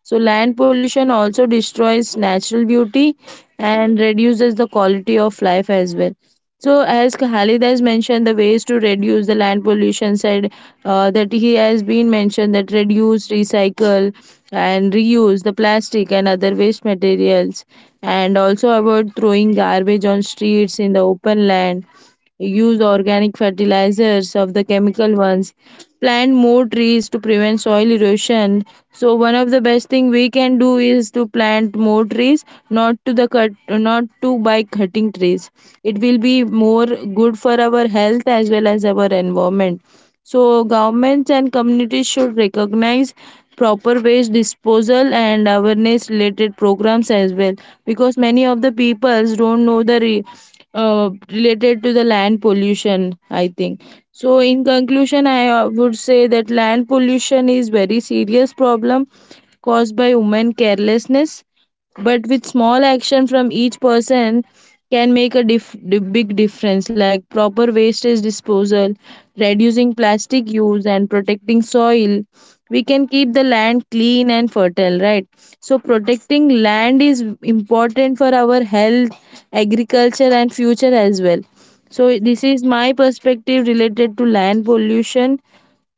[SPEAKER 3] So land pollution also destroys natural beauty and reduces the quality of life as well. So as Khalid has mentioned, the ways to reduce the land pollution said that he has been mentioned, that reduce, recycle, and reuse the plastic and other waste materials, and also avoid throwing garbage on streets in the open land, use organic fertilizers of the chemical ones, plant more trees to prevent soil erosion. So one of the best thing we can do is to plant more trees, not to the cut, not to by cutting trees. It will be more good for our health as well as our environment. So governments and communities should recognize proper waste disposal and awareness related programs as well, because many of the peoples don't know the related to the land pollution, I think. So in conclusion, I would say that land pollution is very serious problem caused by human carelessness, but with small action from each person can make a big difference, like proper wastage disposal, reducing plastic use, and protecting soil, we can keep the land clean and fertile, right? So protecting land is important for our health, agriculture, and future as well. So this is my perspective related to land pollution,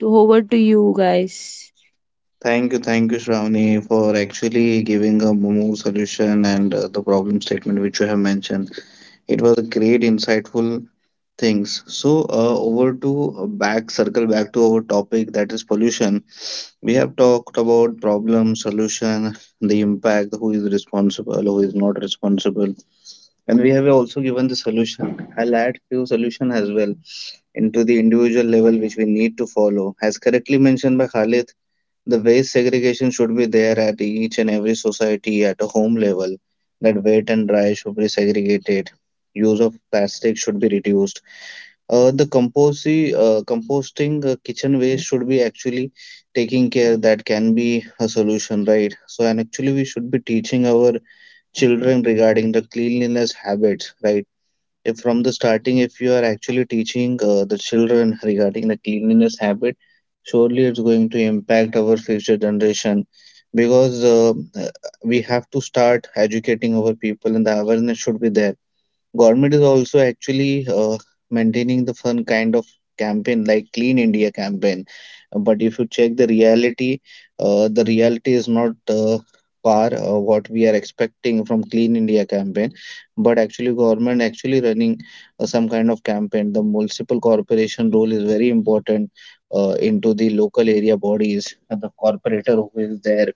[SPEAKER 3] to over to you guys.
[SPEAKER 2] Thank you, Shravani, for actually giving a more solution and the problem statement which you have mentioned. It was a great, insightful things. So, circle back to our topic that is pollution. We have talked about problem, solution, the impact, who is responsible, who is not responsible, and we have also given the solution. I'll add few solution as well into the individual level which we need to follow. As correctly mentioned by Khalid, the waste segregation should be there at each and every society at a home level, that wet and dry should be segregated. Use of plastic should be reduced. The composting kitchen waste should be actually taking care. That can be a solution, right? So, and actually, we should be teaching our children regarding the cleanliness habits, right? If from the starting, if you are actually teaching the children regarding the cleanliness habit, surely it's going to impact our future generation because we have to start educating our people and the awareness should be there. Government is also actually maintaining the fun kind of campaign like Clean India campaign. But if you check the reality is not par what we are expecting from Clean India campaign. But actually, government actually running some kind of campaign. The municipal corporation role is very important into the local area bodies. The corporator who is there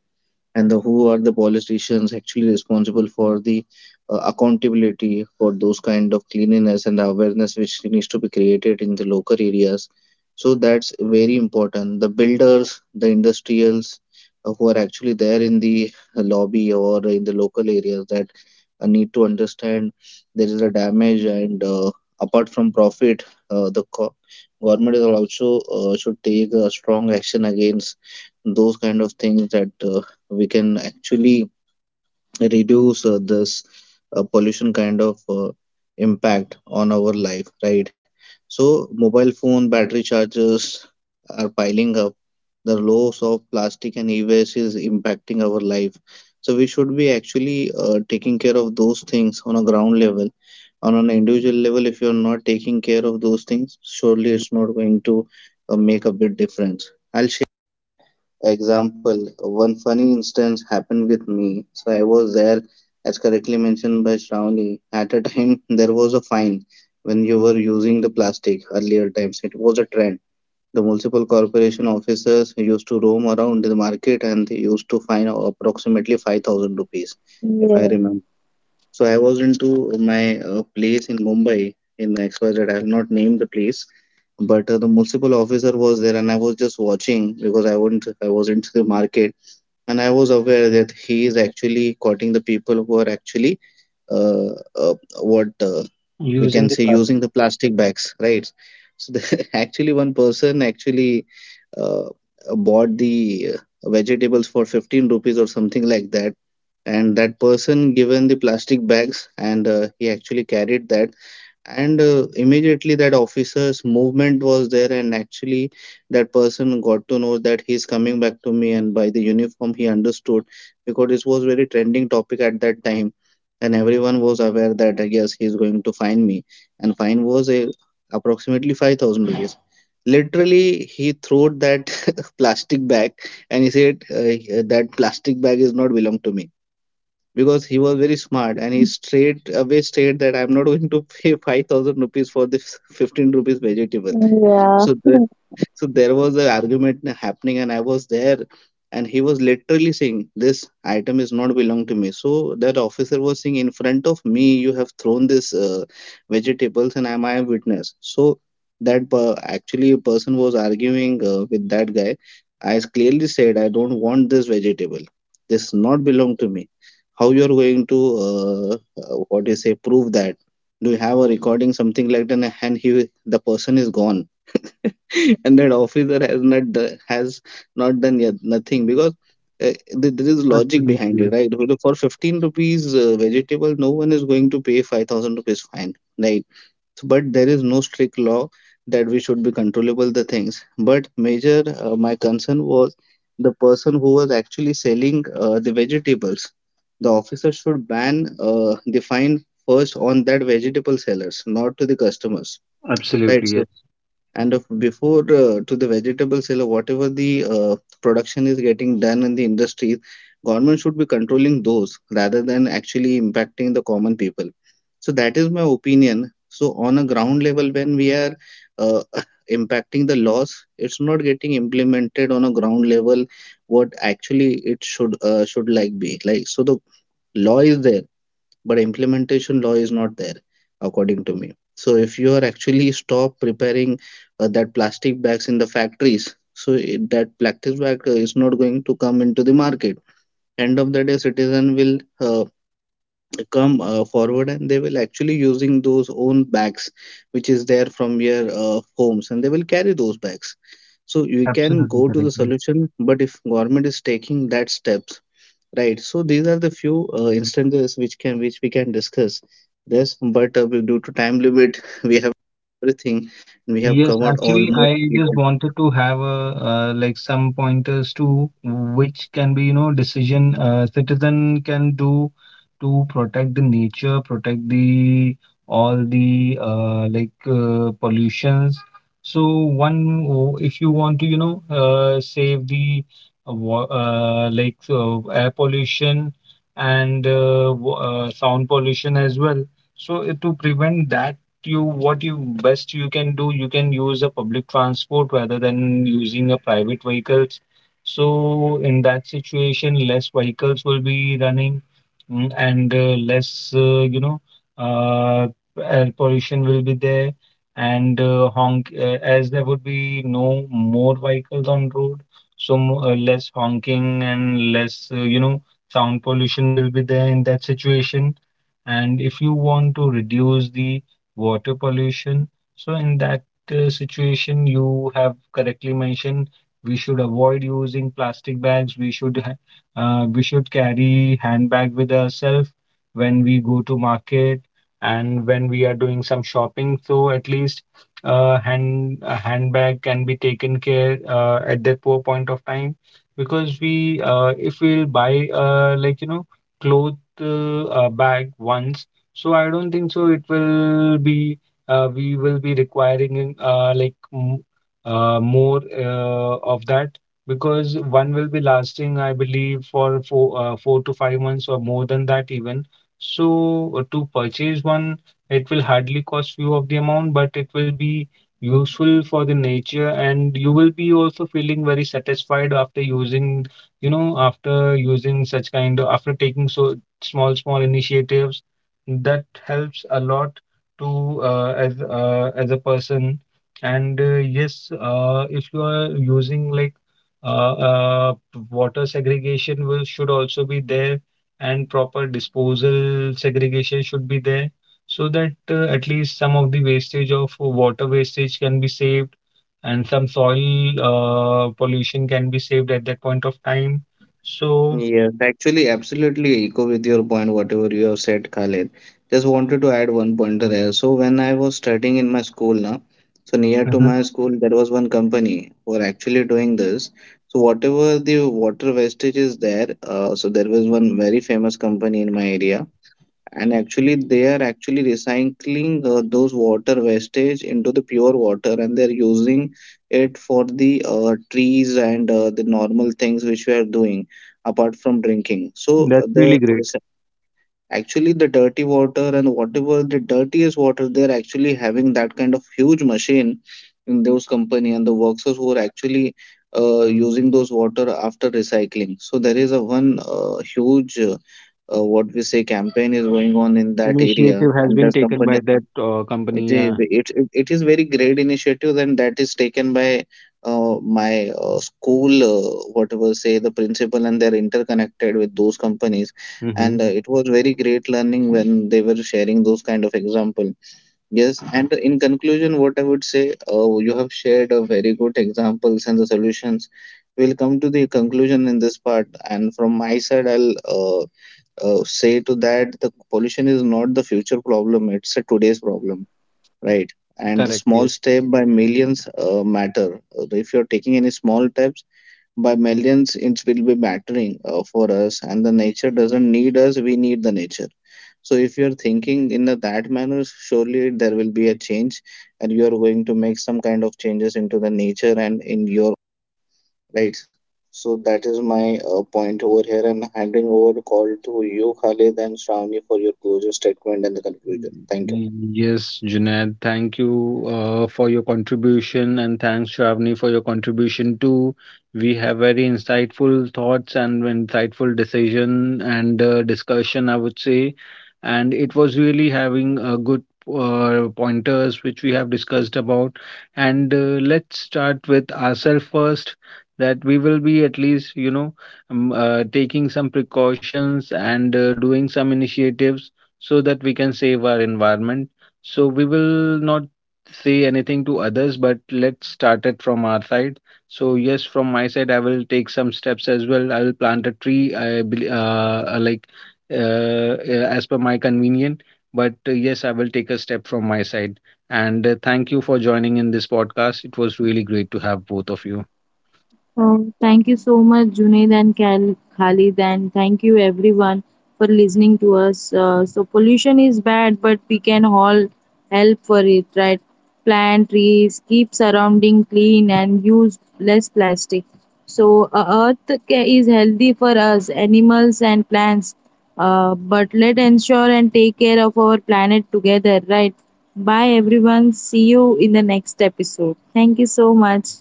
[SPEAKER 2] and the who are the politicians actually responsible for the accountability for those kind of cleanliness and the awareness which needs to be created in the local areas, so that's very important. The builders, the industrials who are actually there in the lobby or in the local areas, that need to understand there is a damage, and apart from profit, uh, the co- government is also should take a strong action against those kind of things, that we can actually reduce this pollution kind of impact on our life, right? So mobile phone battery charges are piling up. The loss of plastic and e-waste is impacting our life, so we should be actually taking care of those things on a ground level. On an individual level, if you're not taking care of those things, surely it's not going to make a big difference. I'll share example, one funny instance happened with me. So I was there, as correctly mentioned by Shravani. At a time, there was a fine when you were using the plastic earlier times. It was a trend. The municipal corporation officers used to roam around the market, and they used to fine approximately 5,000 rupees, if I
[SPEAKER 3] Yeah.
[SPEAKER 2] remember. So I was into my place in Mumbai in XYZ. I have not named the place, but the municipal officer was there, and I was just watching because I wouldn't. I was into the market, and I was aware that he is actually courting the people who are actually uh, uh, what we
[SPEAKER 1] Using the
[SPEAKER 2] can say
[SPEAKER 1] plastic.
[SPEAKER 2] using the plastic bags, right? So actually one person actually uh, bought the vegetables for 15 rupees or something like that, and that person given the plastic bags, and he actually carried that. And immediately that officer's movement was there, and actually that person got to know that he's coming back to me, and by the uniform he understood, because this was very trending topic at that time, and everyone was aware that yes, he's going to find me. And fine was a, approximately 5,000 rupees. Literally he threw that plastic bag, and he said that plastic bag is not belong to me, because he was very smart, and he straight away stated that I'm not going to pay 5,000 rupees for this 15 rupees vegetable.
[SPEAKER 3] Yeah.
[SPEAKER 2] So the, so there was an argument happening, and I was there, and he was literally saying, "This item is not belong to me." So that officer was saying, "In front of me, you have thrown this vegetables, and I am witness." So actually a person was arguing with that guy. I clearly said, "I don't want this vegetable. This not belong to me." How you are going to uh, what do you say, prove that? Do you have a recording something like that? And he, the person is gone. And that officer has not do- has not done yet nothing, because uh, there is logic behind
[SPEAKER 1] Absolutely.
[SPEAKER 2] it, right? Because for 15 rupees vegetable no one is going to pay 5,000 rupees fine, right? So, but there is no strict law that we should be controllable the things. But major, my concern was the person who was actually selling the vegetables. The officer should ban the fine first on that vegetable sellers, not to the customers,
[SPEAKER 1] Absolutely,
[SPEAKER 2] right?
[SPEAKER 1] yes.
[SPEAKER 2] So. And of before to the vegetable seller, whatever the production is getting done in the industries, government should be controlling those rather than actually impacting the common people. So that is my opinion. So on a ground level, when we are uh, impacting the laws, it's not getting implemented on a ground level what actually it should like be like. So the law is there, but implementation law is not there, according to me. So if you are actually stop preparing that plastic bags in the factories, so that plastic bag is not going to come into the market. End of the day, citizen will uh, come forward, and they will actually using those own bags which is there from your homes, and they will carry those bags. So you can
[SPEAKER 1] Absolutely
[SPEAKER 2] go to
[SPEAKER 1] correct.
[SPEAKER 2] the solution, but if government is taking that steps. Right. So these are the few instances which can which we can discuss this, but due to time limit, we have everything, and we have
[SPEAKER 1] Yes,
[SPEAKER 2] covered
[SPEAKER 1] actually,
[SPEAKER 2] almost.
[SPEAKER 1] I just wanted to have a, like some pointers to which can be, you know, decision citizen can do to protect the nature, protect the all the pollutions. So one, if you want to, you know, save the air pollution and sound pollution as well. So to prevent that you what you best you can do, you can use a public transport rather than using a private vehicles. So in that situation, less vehicles will be running, and less you know uh, air pollution will be there. And honk as there would be no more vehicles on road, so less honking and less you know sound pollution will be there in that situation. And if you want to reduce the water pollution. So in that situation, you have correctly mentioned we should avoid using plastic bags. We should carry handbag with ourselves when we go to market and when we are doing some shopping. So at least hand a handbag can be taken care at that poor point of time, because we if we'll buy like you know cloth bag once, so I don't think so it will be we will be requiring more of that, because one will be lasting I believe for four to five months or more than that even. So to purchase one it will hardly cost you of the amount, but it will be useful for the nature, and you will be also feeling very satisfied after using, you know, after using such kind of, after taking so small small initiatives that helps a lot to as a person. And yes, if you are using like uh, uh, water segregation will should also be there, and proper disposal segregation should be there, so that at least some of the wastage of water wastage can be saved, and some soil pollution can be saved at that point of time. So
[SPEAKER 2] Yes, actually, absolutely echo with your point, whatever you have said, Khalid. Just wanted to add one pointer there. So when I was studying in my school now, so near to
[SPEAKER 1] mhm.
[SPEAKER 2] my school, there was one company who are actually doing this. So whatever the water wastage is there, so there was one very famous company in my area, and actually they are actually recycling those water wastage into the pure water, and they're using it for the trees and the normal things which we are doing apart from drinking. So uh,
[SPEAKER 1] That's
[SPEAKER 2] the
[SPEAKER 1] really great.
[SPEAKER 2] actually, the dirty water and whatever the dirtiest water, they're actually having that kind of huge machine in those company, and the workers who are actually using those water after recycling. So there is a one huge, what we say, campaign is going on in that area,
[SPEAKER 1] Initiative
[SPEAKER 2] and
[SPEAKER 1] has
[SPEAKER 2] that
[SPEAKER 1] been taken
[SPEAKER 2] company.
[SPEAKER 1] by that
[SPEAKER 2] It
[SPEAKER 1] company.
[SPEAKER 2] is
[SPEAKER 1] Yeah.
[SPEAKER 2] it it it is very great initiative, and that is taken by my school, whatever say the principal, and they're interconnected with those companies. And
[SPEAKER 1] Mm-hmm.
[SPEAKER 2] it was very great learning when they were sharing those kind of example. Yes, and in conclusion, what I would say, you have shared a very good examples and the solutions. We'll come to the conclusion in this part, and from my side, I'll say to that the pollution is not the future problem; it's a today's problem, right? And the
[SPEAKER 1] Correct.
[SPEAKER 2] small
[SPEAKER 1] Yes.
[SPEAKER 2] step by millions matter. If you're taking any small steps by millions, it will be mattering for us. And the nature doesn't need us, we need the nature. So if you're thinking in a, that manner, surely there will be a change, and you're going to make some kind of changes into the nature and in your right. So that is my point over here, and handing over the call to you, Khalid and Shravani, for your closure statement and the conclusion. Thank you.
[SPEAKER 1] Yes, Junaid, thank you for your contribution, and thanks, Shravani, for your contribution too. We have very insightful thoughts and insightful decision and discussion, I would say. And it was really having good pointers which we have discussed about. And let's start with ourselves first, that we will be at least, you know, taking some precautions and doing some initiatives so that we can save our environment. So we will not say anything to others, but let's start it from our side. So yes, from my side, I will take some steps as well. I will plant a tree. I bel- like As per my convenient, but yes, I will take a step from my side. And thank you for joining in this podcast. It was really great to have both of you.
[SPEAKER 3] Thank you so much, Junaid and Khal- Khalid, and thank you everyone for listening to us. So, pollution is bad, but we can all help for it, right? Plant trees, keep surrounding clean, and use less plastic. So, Earth is healthy for us, animals, and plants. But let ensure and take care of our planet together, right? Bye, everyone. See you in the next episode. Thank you so much.